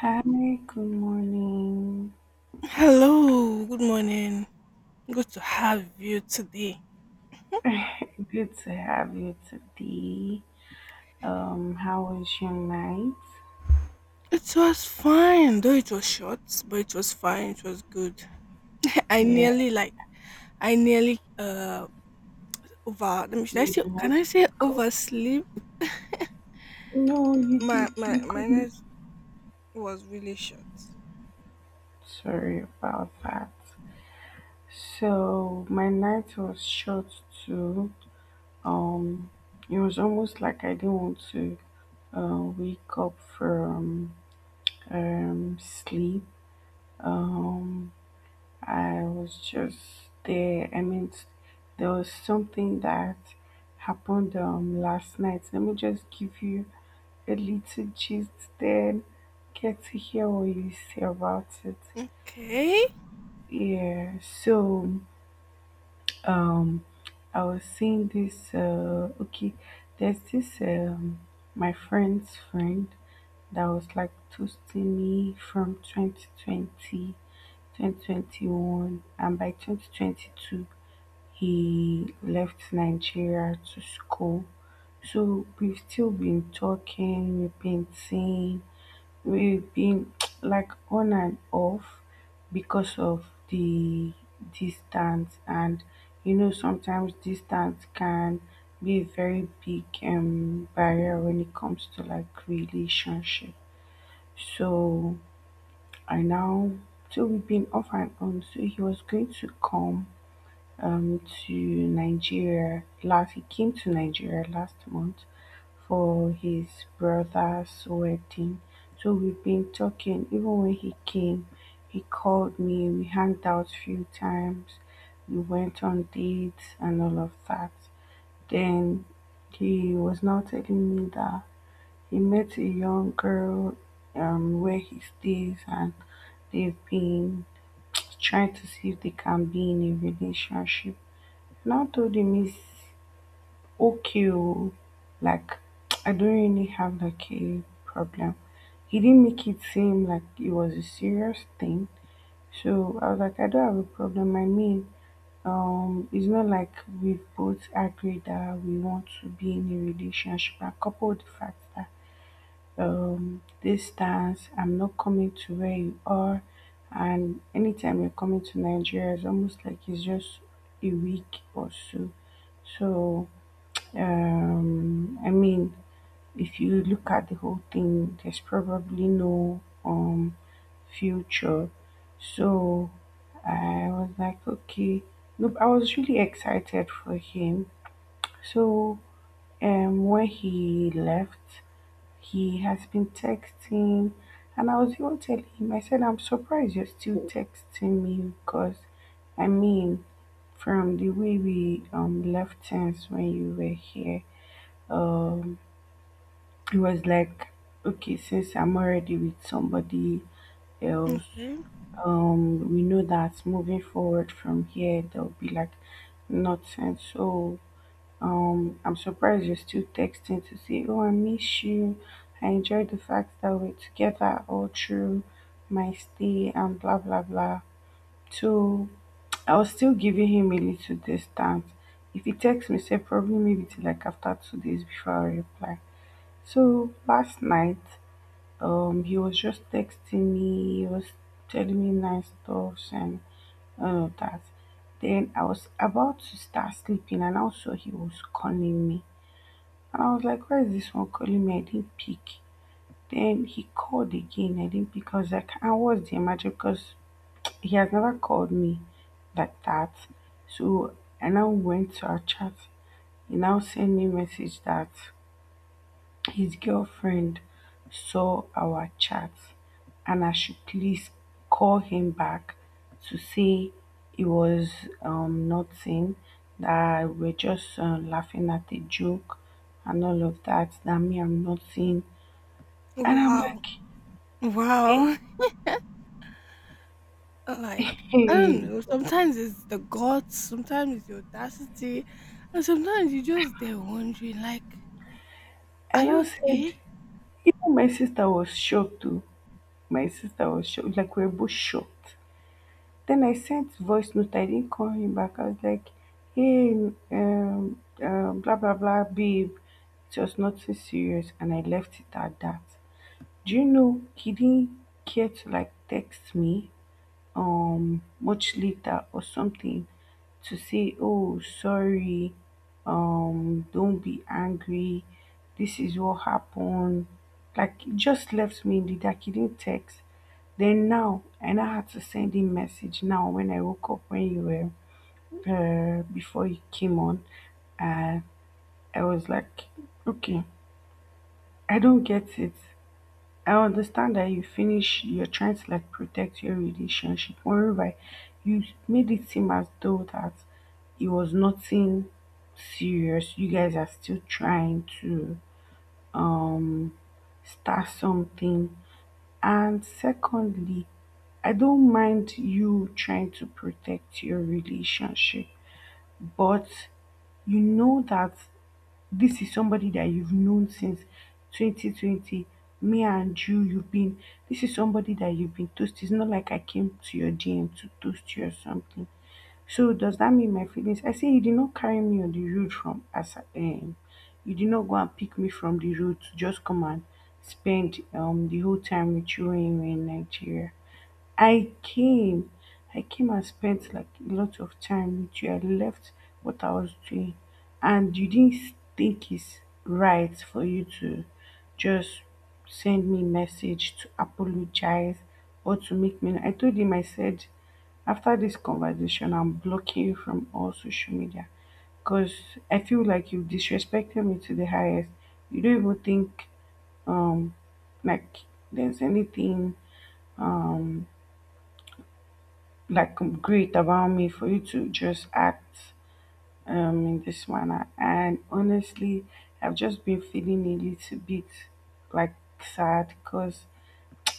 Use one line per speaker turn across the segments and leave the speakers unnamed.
Hi, good morning.
Hello, good morning. Good to have you today.
Good to have you today. How was your night?
It was fine, though it was short, but it was fine. It was good. I
Yeah,
nearly like, I nearly over. Let me. Should I
did
say?
you
Can
want
I
to
say
wake up?
oversleep?
No, you
My
did.
my
You
my
couldn't.
night was really short.
Sorry about that. So my night was short too. Um, it was almost like I didn't want to wake up from sleep. Um, I was just there. I mean, there was something that happened last night. Let me just give you a little gist, then get to hear what you say about it.
Okay.
Yeah, so um, I was seeing this. Okay, there's this my friend's friend that was like toasting me from 2020, 2021, and by 2022. He left Nigeria to school. So we've still been talking, we've been seeing, we've been like on and off because of the distance and you know sometimes distance can be a very big barrier when it comes to like relationship. So I now so we've been off and on. So he was going to come um, to Nigeria last. He came to Nigeria last month for his brother's wedding. So we've been talking. Even when he came, he called me. We hanged out a few times. We went on dates and all of that. Then he was now telling me that he met a young girl where he stays and they've been trying to see if they can be in a relationship. Now told him it's okay. Oh, like I don't really have like a problem. He didn't make it seem like it was a serious thing. So I was like, I don't have a problem. I mean, it's not like we both agreed that we want to be in a relationship. I coupled the fact that distance, I'm not coming to where you are, and anytime you're coming to Nigeria it's almost like it's just a week or so. So I mean, if you look at the whole thing, there's probably no future. So I was like, okay, no, I was really excited for him. So when he left, he has been texting, and I was even telling him, I said, I'm surprised you're still texting me because, I mean, from the way we left things when you were here. Um, it was like, okay, since I'm already with somebody else,
Okay.
we know that moving forward from here, there'll be like nothing. So, I'm surprised you're still texting to say, oh, I miss you. I enjoyed the fact that we're together all through my stay and blah, blah, blah. So, I was still giving him a little distance. If he texts me, say probably maybe till like after 2 days before I reply. So last night he was just texting me. He was telling me nice stuff and all of that. Then I was about to start sleeping, and also he was calling me. And I was like, "Why is this one calling me?" I didn't pick. Then he called again. I didn't pick. I was like, "I was the emergency because he has never called me like that." So I now went to our chat. He now sent me a message that his girlfriend saw our chat, and I should please call him back to say it was nothing, that we're just laughing at a joke and all of that, that me, I'm nothing. And I'm
Wow.
like,
Wow.
eh?
Like I don't
Eh.
know. Sometimes it's the guts. Sometimes it's the audacity, and sometimes you just there wondering like, are
And
you
I said,
okay?
even my sister was shocked too. My sister was shocked, like we were both shocked. Then I sent voice note. I didn't call him back. I was like, hey, blah, blah, blah, babe. It was nothing serious. And I left it at that. Do you know, he didn't care to like text me much later or something to say, oh, sorry, don't be angry, this is what happened. Like he just left me in the dark, he didn't text then now, and I had to send him message now when I woke up, when you were, before you came on, uh, I was like okay, I don't get it. I understand that you finished you're trying to like protect your relationship. Moreover, you made it seem as though that it was nothing serious. You guys are still trying to um start something. And secondly, I don't mind you trying to protect your relationship, but you know that this is somebody that you've known since 2020. Me and you've been, this is somebody that you've been toast, it's not like I came to your DM to toast you or something. So does that mean my feelings, I say you did not carry me on the road from as you did not go and pick me from the road to just come and spend the whole time with you when you were in Nigeria. I came. I came and spent like a lot of time with you. I left what I was doing, and you didn't think it's right for you to just send me message to apologize or to make me. I told him. I said, after this conversation, I'm blocking you from all social media because I feel like you disrespected me to the highest. You don't even think um like there's anything like great about me for you to just act in this manner. And honestly, I've just been feeling a little bit like sad because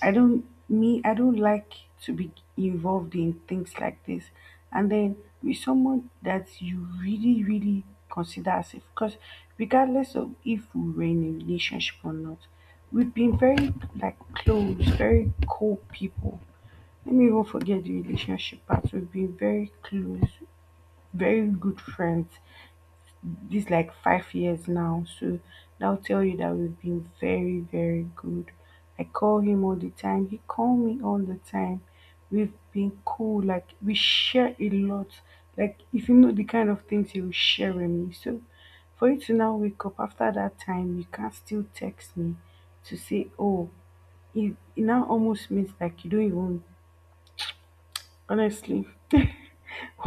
I don't like to be involved in things like this. And then with someone that you really really consider as if, because regardless of if we were in a relationship or not, we've been very like close, very cool people, let me even forget the relationship part. We've been very close, very good friends. This like 5 years now. So that'll tell you that we've been very, very good. I call him all the time. He call me all the time. We've been cool. Like we share a lot. Like if you know the kind of things he will share with me. So for you to now wake up after that time, you can still text me to say, oh, it now almost means like you don't even honestly.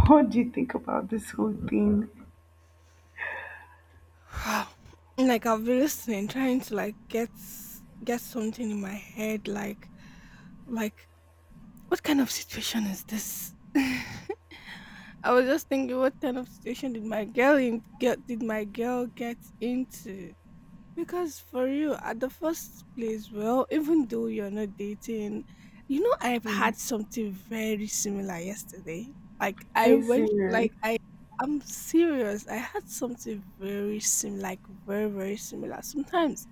What do you think about this whole thing?
Like I've been listening, trying to like get something in my head, like what kind of situation is this? I was just thinking, what kind of situation did my girl in, get did my girl get into? Because for you, at the first place, well, even though you're not dating, you know, I've
Yeah.
had something very similar yesterday. Like,
Are
I
you
went,
serious?
like, I, I'm serious. I had something very similar, like, very, very similar. Sometimes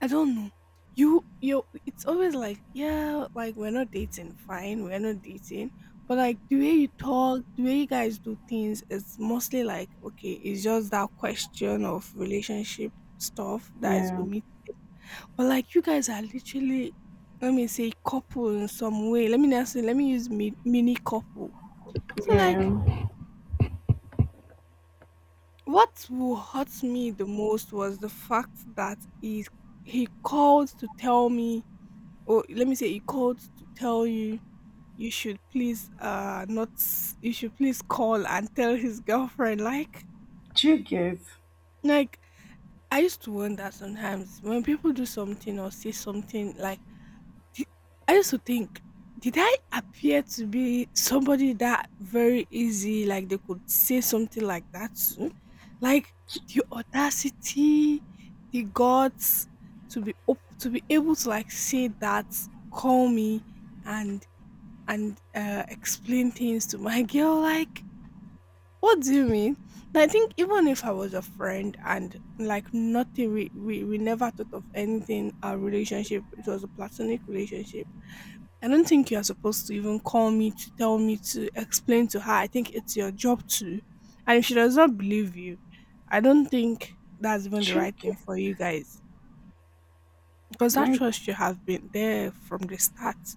I don't know. You it's always like, yeah, like we're not dating, fine, we're not dating. But like the way you talk, the way you guys do things, it's mostly like, okay, it's just that question of relationship stuff that is
Yeah,
omit. But like you guys are literally let me say couple in some way. Let me not say let me use mini couple. So like
yeah.
what will hurt me the most was the fact that he called to tell me or let me say he called to tell you you should please not you should please call and tell his girlfriend
Do you get?
like I used to wonder sometimes when people do something or say something like di- I used to think did I appear to be somebody that very easy like they could say something like that to like the audacity the guts to be to be able to like say that call me and explain things to my girl like what do you mean? And I think even if I was a friend and like nothing we we never thought of anything our relationship it was a platonic relationship I don't think you're supposed to even call me to tell me to explain to her I think it's your job to and if she does not believe you I don't think that's even the
Do you
right thing
get?
for you guys because that
Like,
trust should have been there from the start.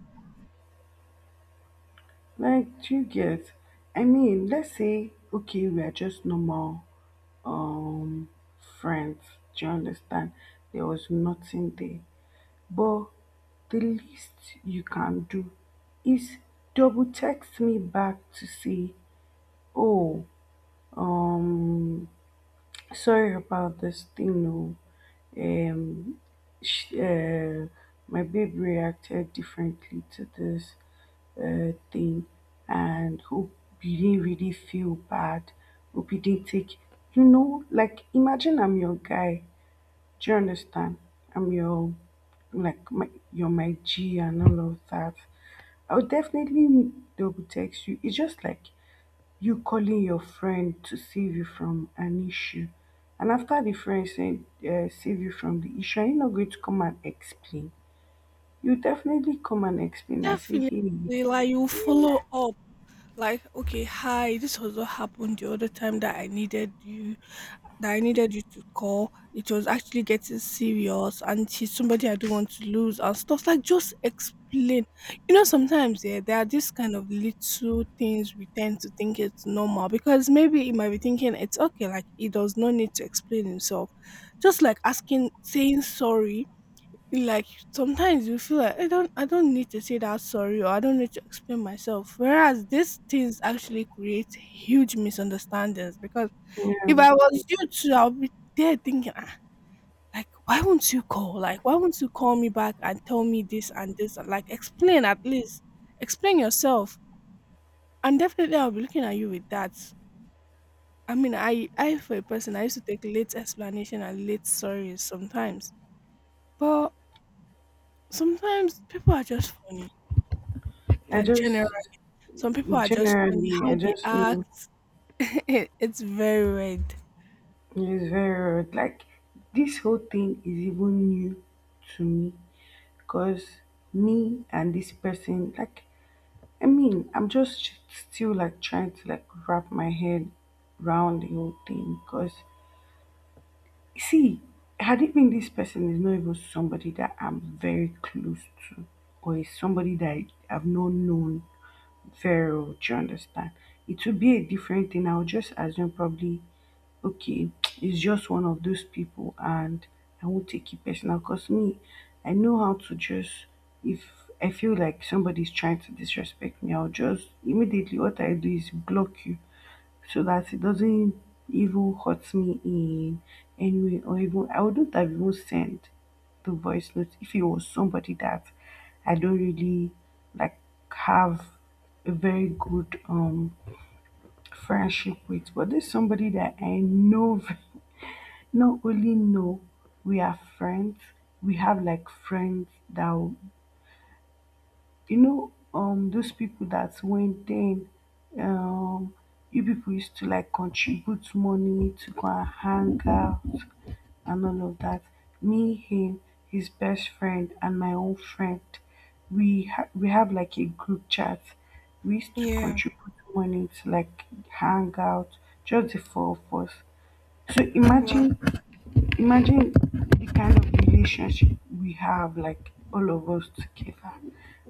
like, do you get? I mean, let's say, okay, we are just normal um friends. Do you understand? There was nothing there. But the least you can do is double text me back to say, oh, um, sorry about this thing, no. Um, she, my babe reacted differently to this thing, and hope he didn't really feel bad. Hope he didn't take, like imagine I'm your guy. Do you understand? I'm your, like, my, you're my G and all of that. I would definitely double text you. It's just like you calling your friend to save you from an issue. And after the friend said, save you from the issue, are you not going to come and explain? You definitely come and explain. I say,
Definitely
hey,
like you follow up. Like, okay, hi, this was what happened the other time that I needed you, that I needed you to call. It was actually getting serious, and she's somebody I don't want to lose, and stuff like just explain. You know, sometimes yeah, there are these kind of little things we tend to think it's normal because maybe he might be thinking it's okay, like he does not need to explain himself. Just like asking, saying sorry like sometimes you feel like I don't need to say that sorry or I don't need to explain myself. Whereas these things actually create huge misunderstandings because
yeah,
if I was you too, I'll be there thinking "Ah, like why won't you call? Like why won't you call me back and tell me this and this and like explain at least. Explain yourself. And definitely I'll be looking at you with that. I mean I for a person I used to take late explanation and late sorries sometimes. But sometimes people are just funny
I
like general.
just
Some people are just funny
generally,
how
I
they
just know
act. It's very weird.
it's very rude. Like this whole thing is even new to me because me and this person, like, I mean, I'm just still like trying to like wrap my head round the whole thing because see, had it been this person is not even somebody that I'm very close to or is somebody that I've not known Pharaoh. Do you understand? It will be a different thing. I'll just assume probably, okay, it's just one of those people, and I won't take it personal because me, I know how to just, if I feel like somebody's trying to disrespect me, I'll just immediately what I do is block you so that it doesn't even hurt me in any way, or even I wouldn't have even sent the voice note if it was somebody that I don't really like have a very good friendship with. But this somebody that I know not only know we are friends, we have like friends that those people that went then um you people used to like contribute money to go and hang out and all of that, me, him, his best friend and my own friend, we have like a group chat, we used to
Yeah.
contribute money to like hang out just the four of us, so
Wow.
imagine. Imagine the kind of relationship we have, like all of us together,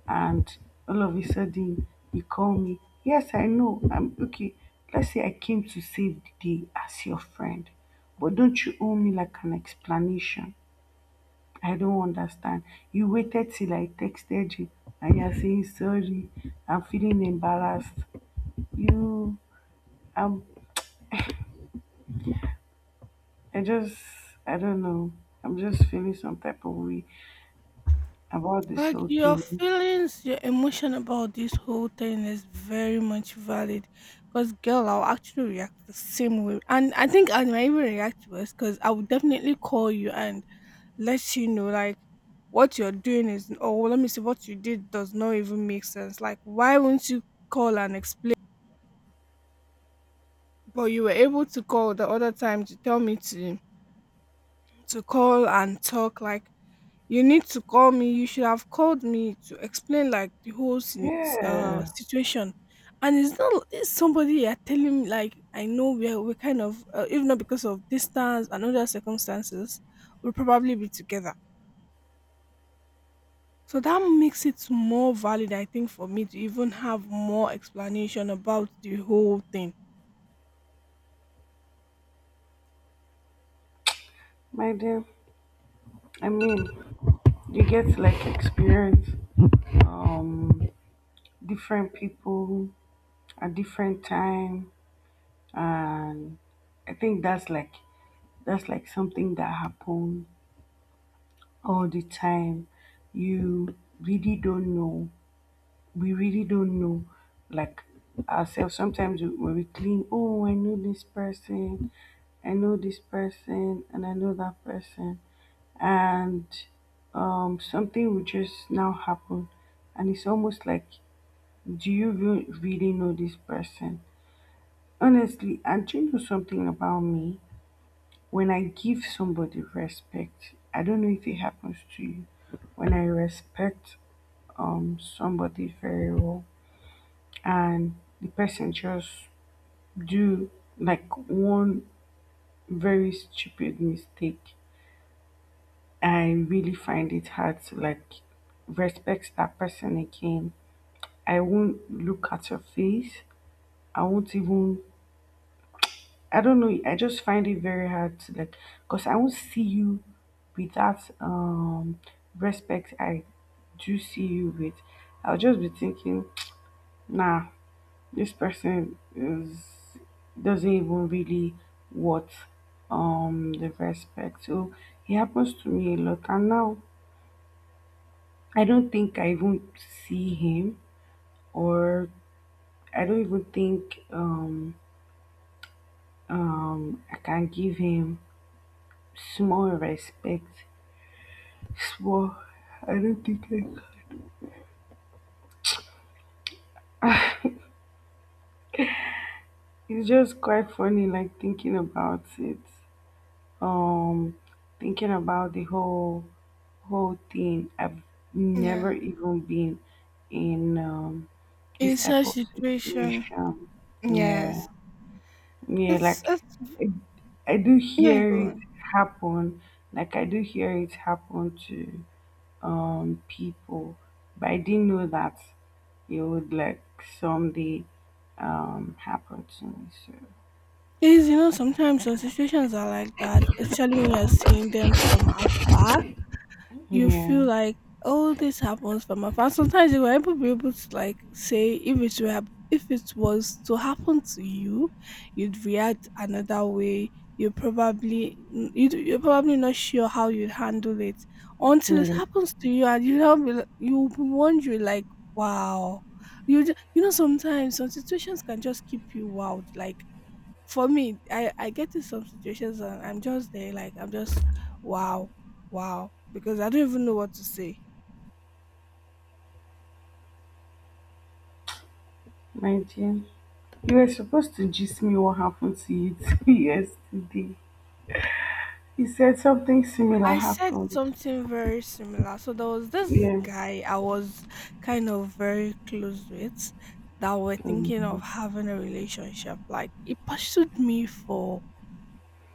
and all of a sudden you call me. Yes, I know. I'm okay. Let's say I came to save the day as your friend, but don't you owe me like an explanation? I don't understand. You waited till I texted you, and you're saying sorry. I'm feeling embarrassed. You, I'm. I just, I don't know. I'm just feeling some type of way about this
Like
whole
your
thing.
feelings, your emotion about this whole thing is very much valid. Because girl, I'll actually react the same way, and I think I might even react worse. Because I would definitely call you and let you know like what you're doing is. Oh, let me see what you did does not even make sense. Like why won't you call and explain? But you were able to call the other time to tell me to call and talk like you need to call me you should have called me to explain like the whole
Yeah,
situation and it's not it's somebody you're telling me like I know we're kind of if not because of distance and other circumstances we'll probably be together so that makes it more valid I think for me to even have more explanation about the whole thing.
my dear. I mean, you get like experience um different people at different time, and I think that's like something that happen all the time. You really don't know. We really don't know like ourselves. Sometimes when we clean, oh I know this person, I know this person and I know that person, and something will just now happen. And it's almost like, do you really know this person? Honestly, and do you know something about me? When I give somebody respect, I don't know if it happens to you. When I respect somebody very well, and the person just do like one very stupid mistake, I really find it hard to like respect that person again. I won't look at your face. I won't even. I don't know. I just find it very hard to like, cause I won't see you with that respect. I do see you with. I'll just be thinking, nah, this person is doesn't even really what the respect. So it happens to me a lot, and now I don't think I even see him, or I don't even think I can give him small respect. Small I don't think I can. It's just quite funny like thinking about it. Um Thinking about the whole thing. I've never
Yeah.
even been in
In
this type
such
of
situation.
situation. Yeah.
Yes.
Yeah,
it's
like
it's
I, I do
yeah
hear
go
it
on.
happen. Like I do hear it happen to people, but I didn't know that it would like someday happen to me, so
Yes, you know, sometimes some situations are like that, especially when you're seeing them from afar. You
yeah.
feel like, oh, this happens from afar. Sometimes you were able to be able to like say if it were if it was to happen to you, you'd react another way. You probably you're probably not sure how you'd handle it until it
Yeah,
happens to you, and you will be you'll be wondering like, wow. You, you know sometimes some situations can just keep you wild like for me, I get in some situations and I'm just there, like, I'm just, wow, wow, because I don't even know what to say.
my dear, you were supposed to gist me what happened to you too yesterday, you said something similar
I said
happened.
something very similar. So there was this
Yeah.
guy I was kind of very close with that were thinking of
Mhm.
having a relationship. Like, he pursued me for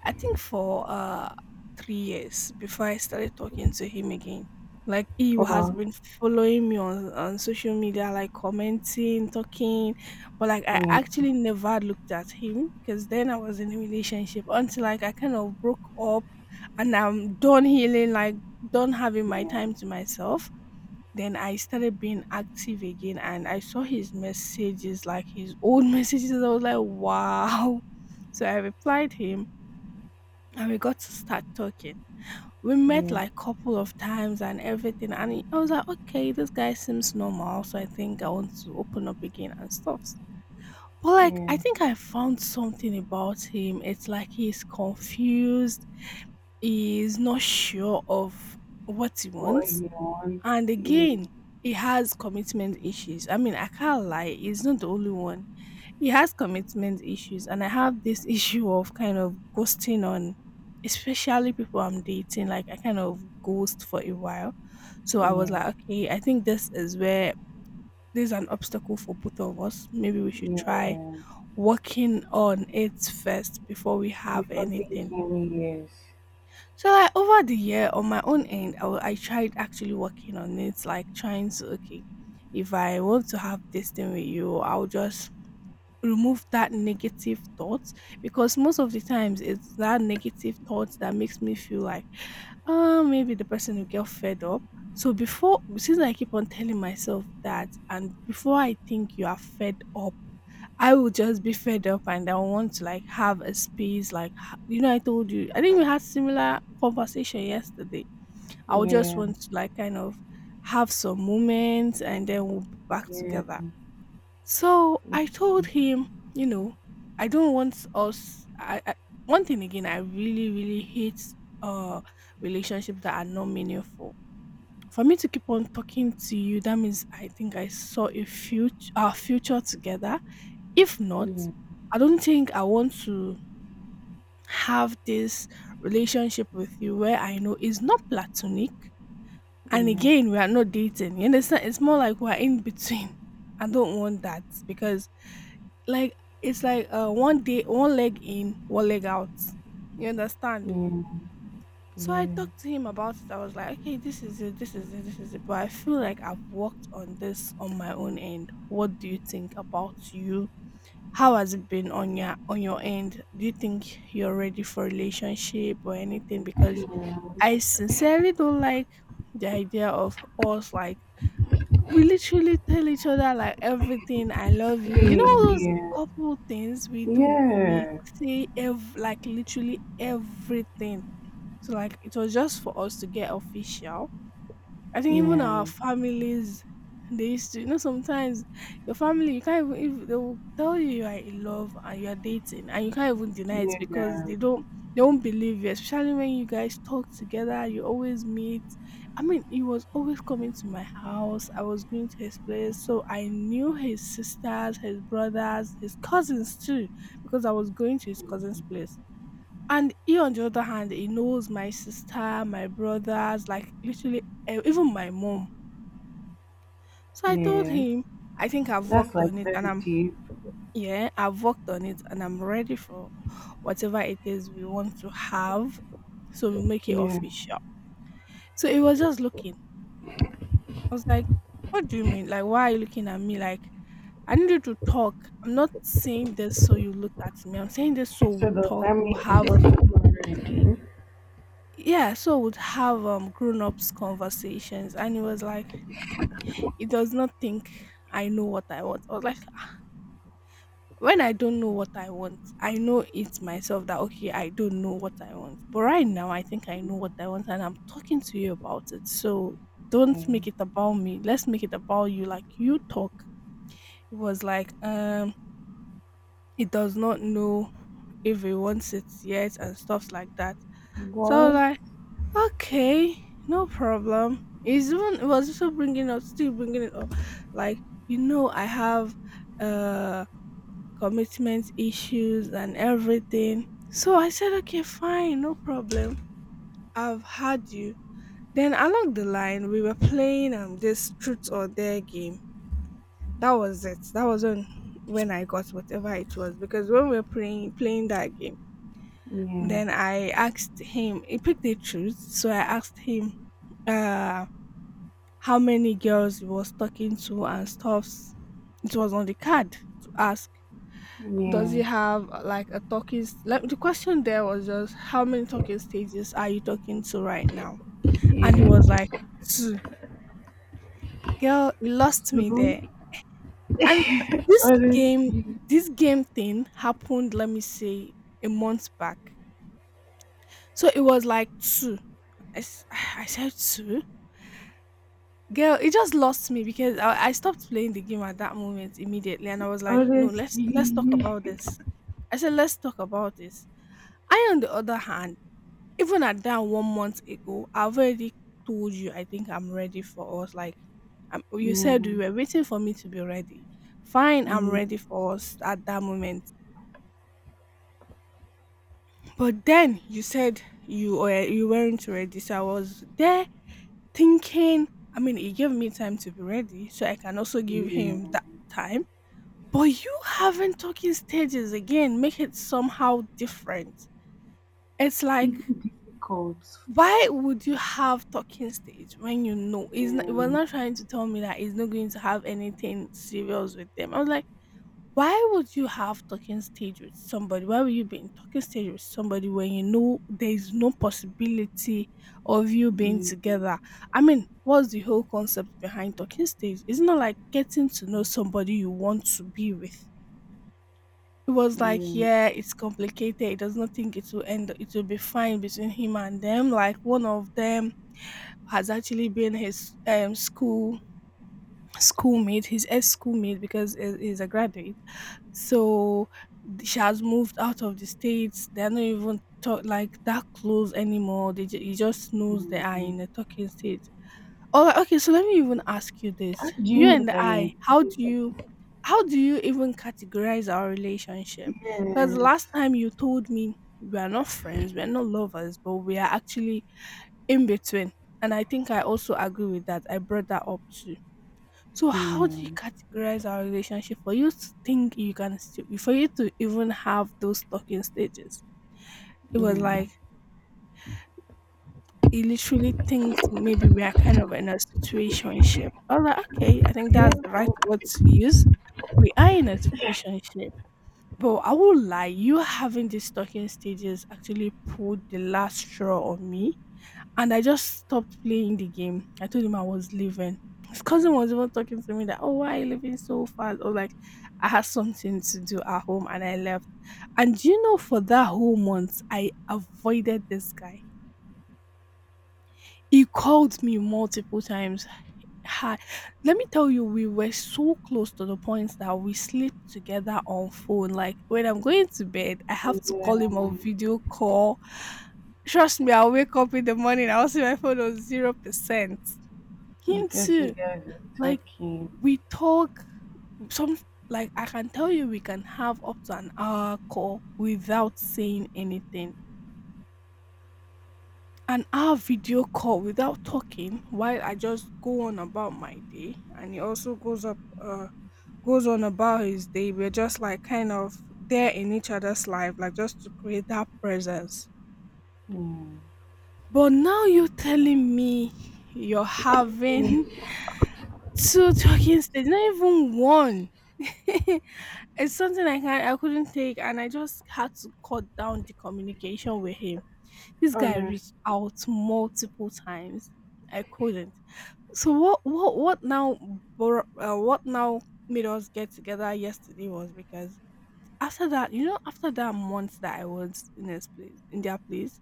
I think for 3 years before I started talking to him again. Like he has
Well,
been following me on social media, like commenting, talking, but like I
yeah.
actually never looked at him because then I was in a relationship until like I kind of broke up and I'm done healing, like done having my
Yeah,
time to myself. Then I started being active again and I saw his messages, like his old messages. I was like, wow. So I replied him and we got to start talking. We met
yeah,
like couple of times and everything, and he- I was like, okay, this guy seems normal, so I think I want to open up again and stuff. But like, I
yeah.
think I found something about him. It's like he's confused, he's not sure of what he
What he
wants,
wants.
and
Yeah,
again, he has commitment issues. I mean, I can't lie, he's not the only one he has commitment issues, and I have this issue of kind of ghosting on, especially people I'm dating. Like, I kind of ghost for a while. So I was
yeah,
like, okay, I think this is where there's an obstacle for both of us. Maybe we should try
yeah.
working on it first before we have
Before thinking,
anything.
yes.
So like over the year on my own end, I tried actually working on it, like trying to okay, if I want to have this thing with you, I'll just remove that negative thought because most of the times it's that negative thought that makes me feel like, "Ah, maybe the person will get fed up." So before since I keep on telling myself that and before I think you are fed up, I will just be fed up and I want to like have a space like you know I told you I think we had similar conversation yesterday. I would just
Yeah,
want to like kind of have some moments and then we'll be back
yeah,
together. So I told him, you know, I don't want us. I one thing again, I really, really hate uh relationships that are not meaningful. For me to keep on talking to you, that means I think I saw a future, our future together. If not,
yeah,
I don't think I want to have this relationship with you where I know it's not platonic. And
yeah.
again, we are not dating. You understand? It's more like we're in between. I don't want that because like it's like one day one leg in, one leg out. You understand?
Yeah,
So I
yeah,
talked to him about it. I was like, okay, this is it, this is it, this is it. But I feel like I've worked on this on my own end. What do you think about you? How has it been on your end? Do you think you're ready for relationship or anything? Because I sincerely don't like the idea of us like we literally tell each other like everything. I love you. You know all those
yeah,
couple things we do. We
yeah,
say like literally everything. So like it was just for us to get official. I think even
yeah,
our families, they used to, you know, sometimes your family, you can't even, if they will tell you you are in love and you are dating, and you can't even deny it
yeah,
because
yeah.
they don't, they won't believe you, especially when you guys talk together, you always meet. I mean, he was always coming to my house, I was going to his place, so I knew his sisters, his brothers, his cousins too, because I was going to his cousin's place. And he, on the other hand, he knows my sister, my brothers, like literally even my mom. So I told
Yeah.
him, I think I've
That's
worked
like
on it and
very
I'm,
deep.
yeah, I've worked on it and I'm ready for whatever it is we want to have. So we make it
Yeah.
official. So he was just looking. I was like, what do you mean? Like, why are you looking at me? Like, I need you to talk. I'm not saying this so you look at me. I'm saying this so we
So the
talk, we'll
family is
have
also very deep.
yeah, so we'd have grown ups conversations, and he was like, "It does not think I know what I want. I was like, when I don't know what I want, I know it's myself that okay, I don't know what I want. But right now, I think I know what I want, and I'm talking to you about it. So don't make
Yeah.
it about me. Let's make it about you. Like you talk. It was like it does not know if he wants it yet and stuff like that. So I was
What?
like, okay, no problem. It's even it was also bringing up, still bringing it up, like I have uh commitment issues and everything. So I said, okay, fine, no problem. I've had you. Then along the line, we were playing this truth or dare game. That was it. That was when I got whatever it was because when we were playing that game,
Yeah,
then I asked him. He picked the truth, so I asked him. Uh, how many girls he was talking to and stuffs. It was on the card to ask, does he
yeah,
have like a talking? Like the question there was just, how many talking stages are you talking to right now? And he was
yeah.
like, two. Girl, he lost me
So,
there. And this game,
honestly,
this game thing happened. Let me say a month back. So it was like two. I said two. Girl, it just lost me because I stopped playing the game at that moment immediately and I was like, no, let's talk
honestly.
about this. I said, let's talk about this. I, on the other hand, even at that one month ago, I've already told you I think I'm ready for us. Like, you
Yeah,
said you were waiting for me to be ready. Fine, I'm
yeah,
ready for us at that moment. But then you said you weren't ready, so I was there, thinking, I mean, he gave me time to be ready, so I can also give
yeah.
him that time. But you having talking stages again make it somehow different. It's like,
Even difficult.
why would you have talking stage when he was
Yeah,
not trying to tell me that he's not going to have anything serious with them? I was like, why would you have talking stage with somebody? Why would you be in talking stage with somebody when you know there is no possibility of you being
yeah,
together? I mean, what's the whole concept behind talking stage? It's not like getting to know somebody you want to be with. It was like,
yeah.
yeah, it's complicated. He does not think it will end. It will be fine between him and them. Like one of them has actually been his schoolmate, his ex schoolmate because he's a graduate, so she has moved out of the states. They're not even talk, like that close anymore. He just knows they are
Yeah.
in a talking stage. All right, okay. So let me even ask you
How
this:
do you
you
know that
and
you're
I,
including the people?
how do you even categorize our relationship? Because last
Yes.
time you told me we are not friends, we are not lovers, but we are actually in between. And I think I also agree with that. I brought that up too. So how do you
Yeah,
categorize our relationship for you to think you can still for you to even have those talking stages? It was
yeah.
like he literally thinks maybe we are kind of in a situationship. I was like, okay, I think
Yeah,
that's the right word to use. We are in a situationship. But I won't lie, you having these talking stages actually pulled the last straw on me, and I just stopped playing the game. I told him I was leaving. His cousin was even talking to me that, oh, why are you leaving so fast? Or like, I had something to do at home and I left. And do you know, for that whole month, I avoided this guy. He called me multiple times. Hi. Let me tell you, we were so close to the point that we sleep together on phone. Like when I'm going to bed, I have to
yeah,
call him on video call. Trust me, I'll wake up in the morning, I'll see my phone on 0%. Him
because you
too.
guys were
Like
talking.
we talk some like I can tell you we can have up to an hour call without saying anything. An hour video call without talking while I just go on about my day and he also goes on about his day. We're just like kind of there in each other's life, like just to create that presence.
Yeah.
But now you're telling me you're
Mm,
having two talking stages, not even one. It's something I couldn't take, and I just had to cut down the communication with him. This guy
honest.
reached out multiple times. I couldn't. So what now made us get together yesterday was because after that month that I was in this place in their place,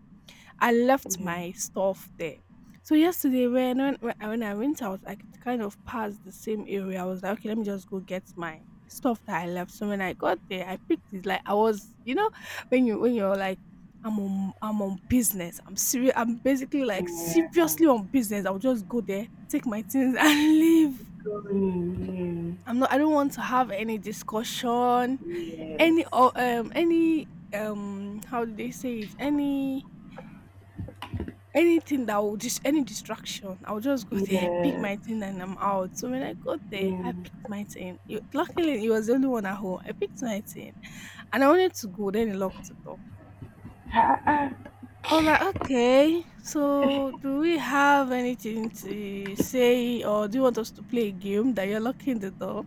I left
Yeah.
my stuff there. So yesterday when I went out, I could kind of pass the same area. I was like, okay, let me just go get my stuff that I left. So when I got there, I picked it. Like I was, when you're like, I'm on business. I'm serious. I'm basically like
Yeah.
seriously on business. I'll just go there, take my things, and leave.
Going in.
I'm not. I don't want to have any discussion,
Yeah.
any or
Yes.
any how do they say it? Anything that will just any distraction, I'll just go there, pick
Yeah.
my thing, and I'm out. So when I got there, I
Yeah.
picked my thing. Luckily, it was the only one at home. I picked my thing, and I wanted to go. Then he locked the door.
Ha ha.
I was like, okay, so do we have anything to say, or do you want us to play a game that you're locking the door?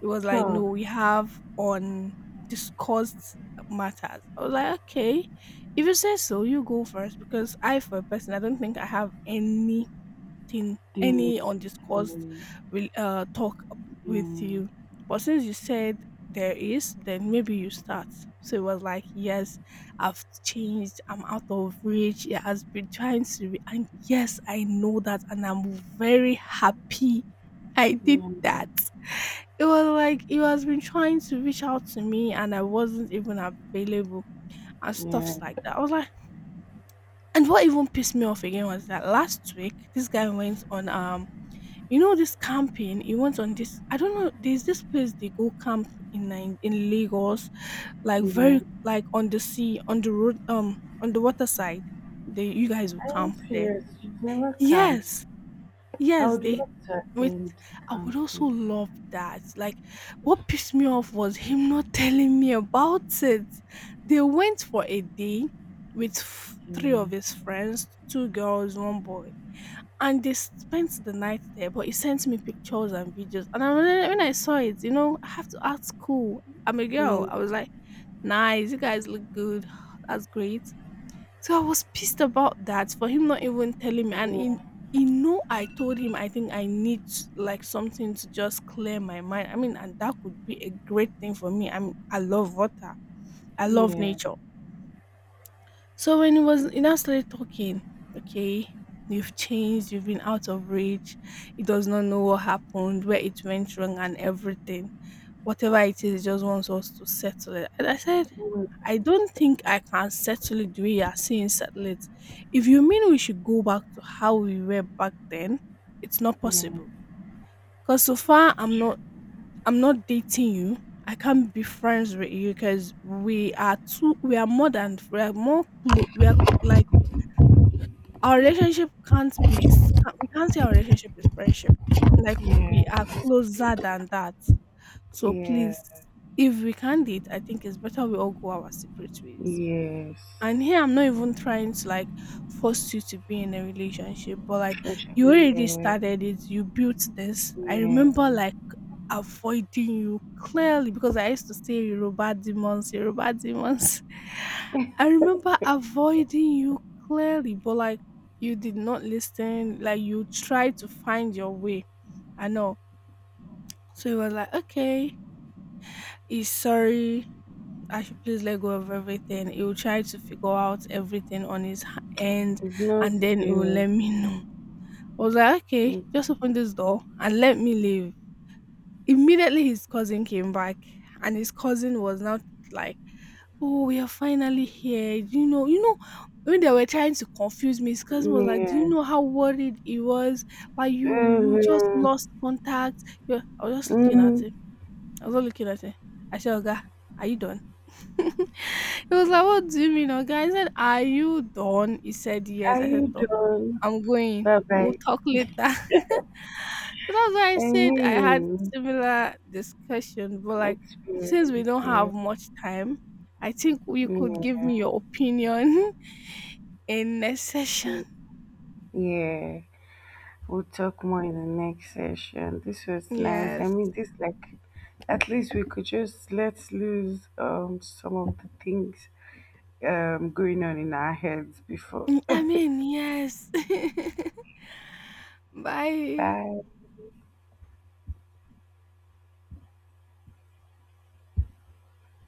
It was like, no,
Tough
we have on discussed matters. I was like, okay, if you say so, you go first because I, for a person, I don't think I have any thing
thing
any
to
undiscussed
do.
will talk with you,
Yeah.
but since you said there is, then maybe you start. So it was like, yes, I've changed, I'm out of reach. It has been trying to be and yes, I know that, and I'm very happy I did
Yeah.
that. It was like he has been trying to reach out to me and I wasn't even available and stuffs
Yeah.
like that. I was like, and what even pissed me off again was that last week this guy went on this camping. It went on this, I don't know, there's this place they go camp in Lagos, like
Yeah.
very like on the sea, on the road, on the water side. They You guys will
Are you
camp there.
serious? You've never camped.
Yes,
I
yes,
would
they
love to
with
attend
I would also
camping.
love that. Like what pissed me off was him not telling me about it. They went for a day with three of
Yeah.
his friends, two girls, one boy, and they spent the night there, but he sent me pictures and videos. And I, when I saw it, I have to ask cool. I'm a girl. I was like, nice, you guys look good. That's great. So I was pissed about that for him not even telling me. And
Yeah.
I told him I think I need like something to just clear my mind. I mean, and that could be a great thing for me. I mean, I love water. I love
Yeah.
nature. So when it was in that started talking, okay, you've changed, you've been out of reach, he does not know what happened, where it went wrong and everything. Whatever it is, he just wants us to settle it. And I said, I don't think I can settle it the way you are saying settle it. If you mean we should go back to how we were back then, it's not
Yeah.
possible. Cause so far
Yeah.
I'm not dating you. I can't be friends with you because we are more than we are like our relationship can't be s- can't- we can't say our relationship is friendship. Like
Yeah,
we are closer than that. So
yeah,
please, if we can date, I think it's better we all go our separate ways.
yes.
And here I'm not even trying to like force you to be in a relationship, but like you
Especially,
already
yeah,
started it, you built this. I
yeah.
remember like avoiding you clearly because I used to say Yoruba demons, Yoruba demons. I remember avoiding you clearly, but like you did not listen, like you tried to find your way. I know. So it was like, okay, he's sorry. I should please let go of everything. He will try to figure out everything on his end
It's not
and then he will
serious.
let me know. I was like, okay,
It's,
just open this door and let me leave. Immediately, his cousin came back and his cousin was not like, oh, we are finally here. You know, you know. When they were trying to confuse me, his cousin was like, "Do you
yes.
know how worried he was? Like you just
Uh,
lost contact." I was just looking at
mm,
him. I was not looking at him. I said, Oga, are you done? He was like, what do you mean, Oga? I said, are you done? He said, yes.
are
I said,
you
"Toh,
done?
I'm going.
Bye
We'll
bye.
talk later." So that's why I
I
said I had
mean,
similar discussion, but like since we
experience
don't have
here.
much time, I think you
Yeah,
could give me
mm,
your opinion in next session.
yeah. We'll talk more in the next session. This was nice. I
Yes.
mean, this like, at least we could just let loose some of the things going on in our heads before.
I mean, yes. Bye.
Bye.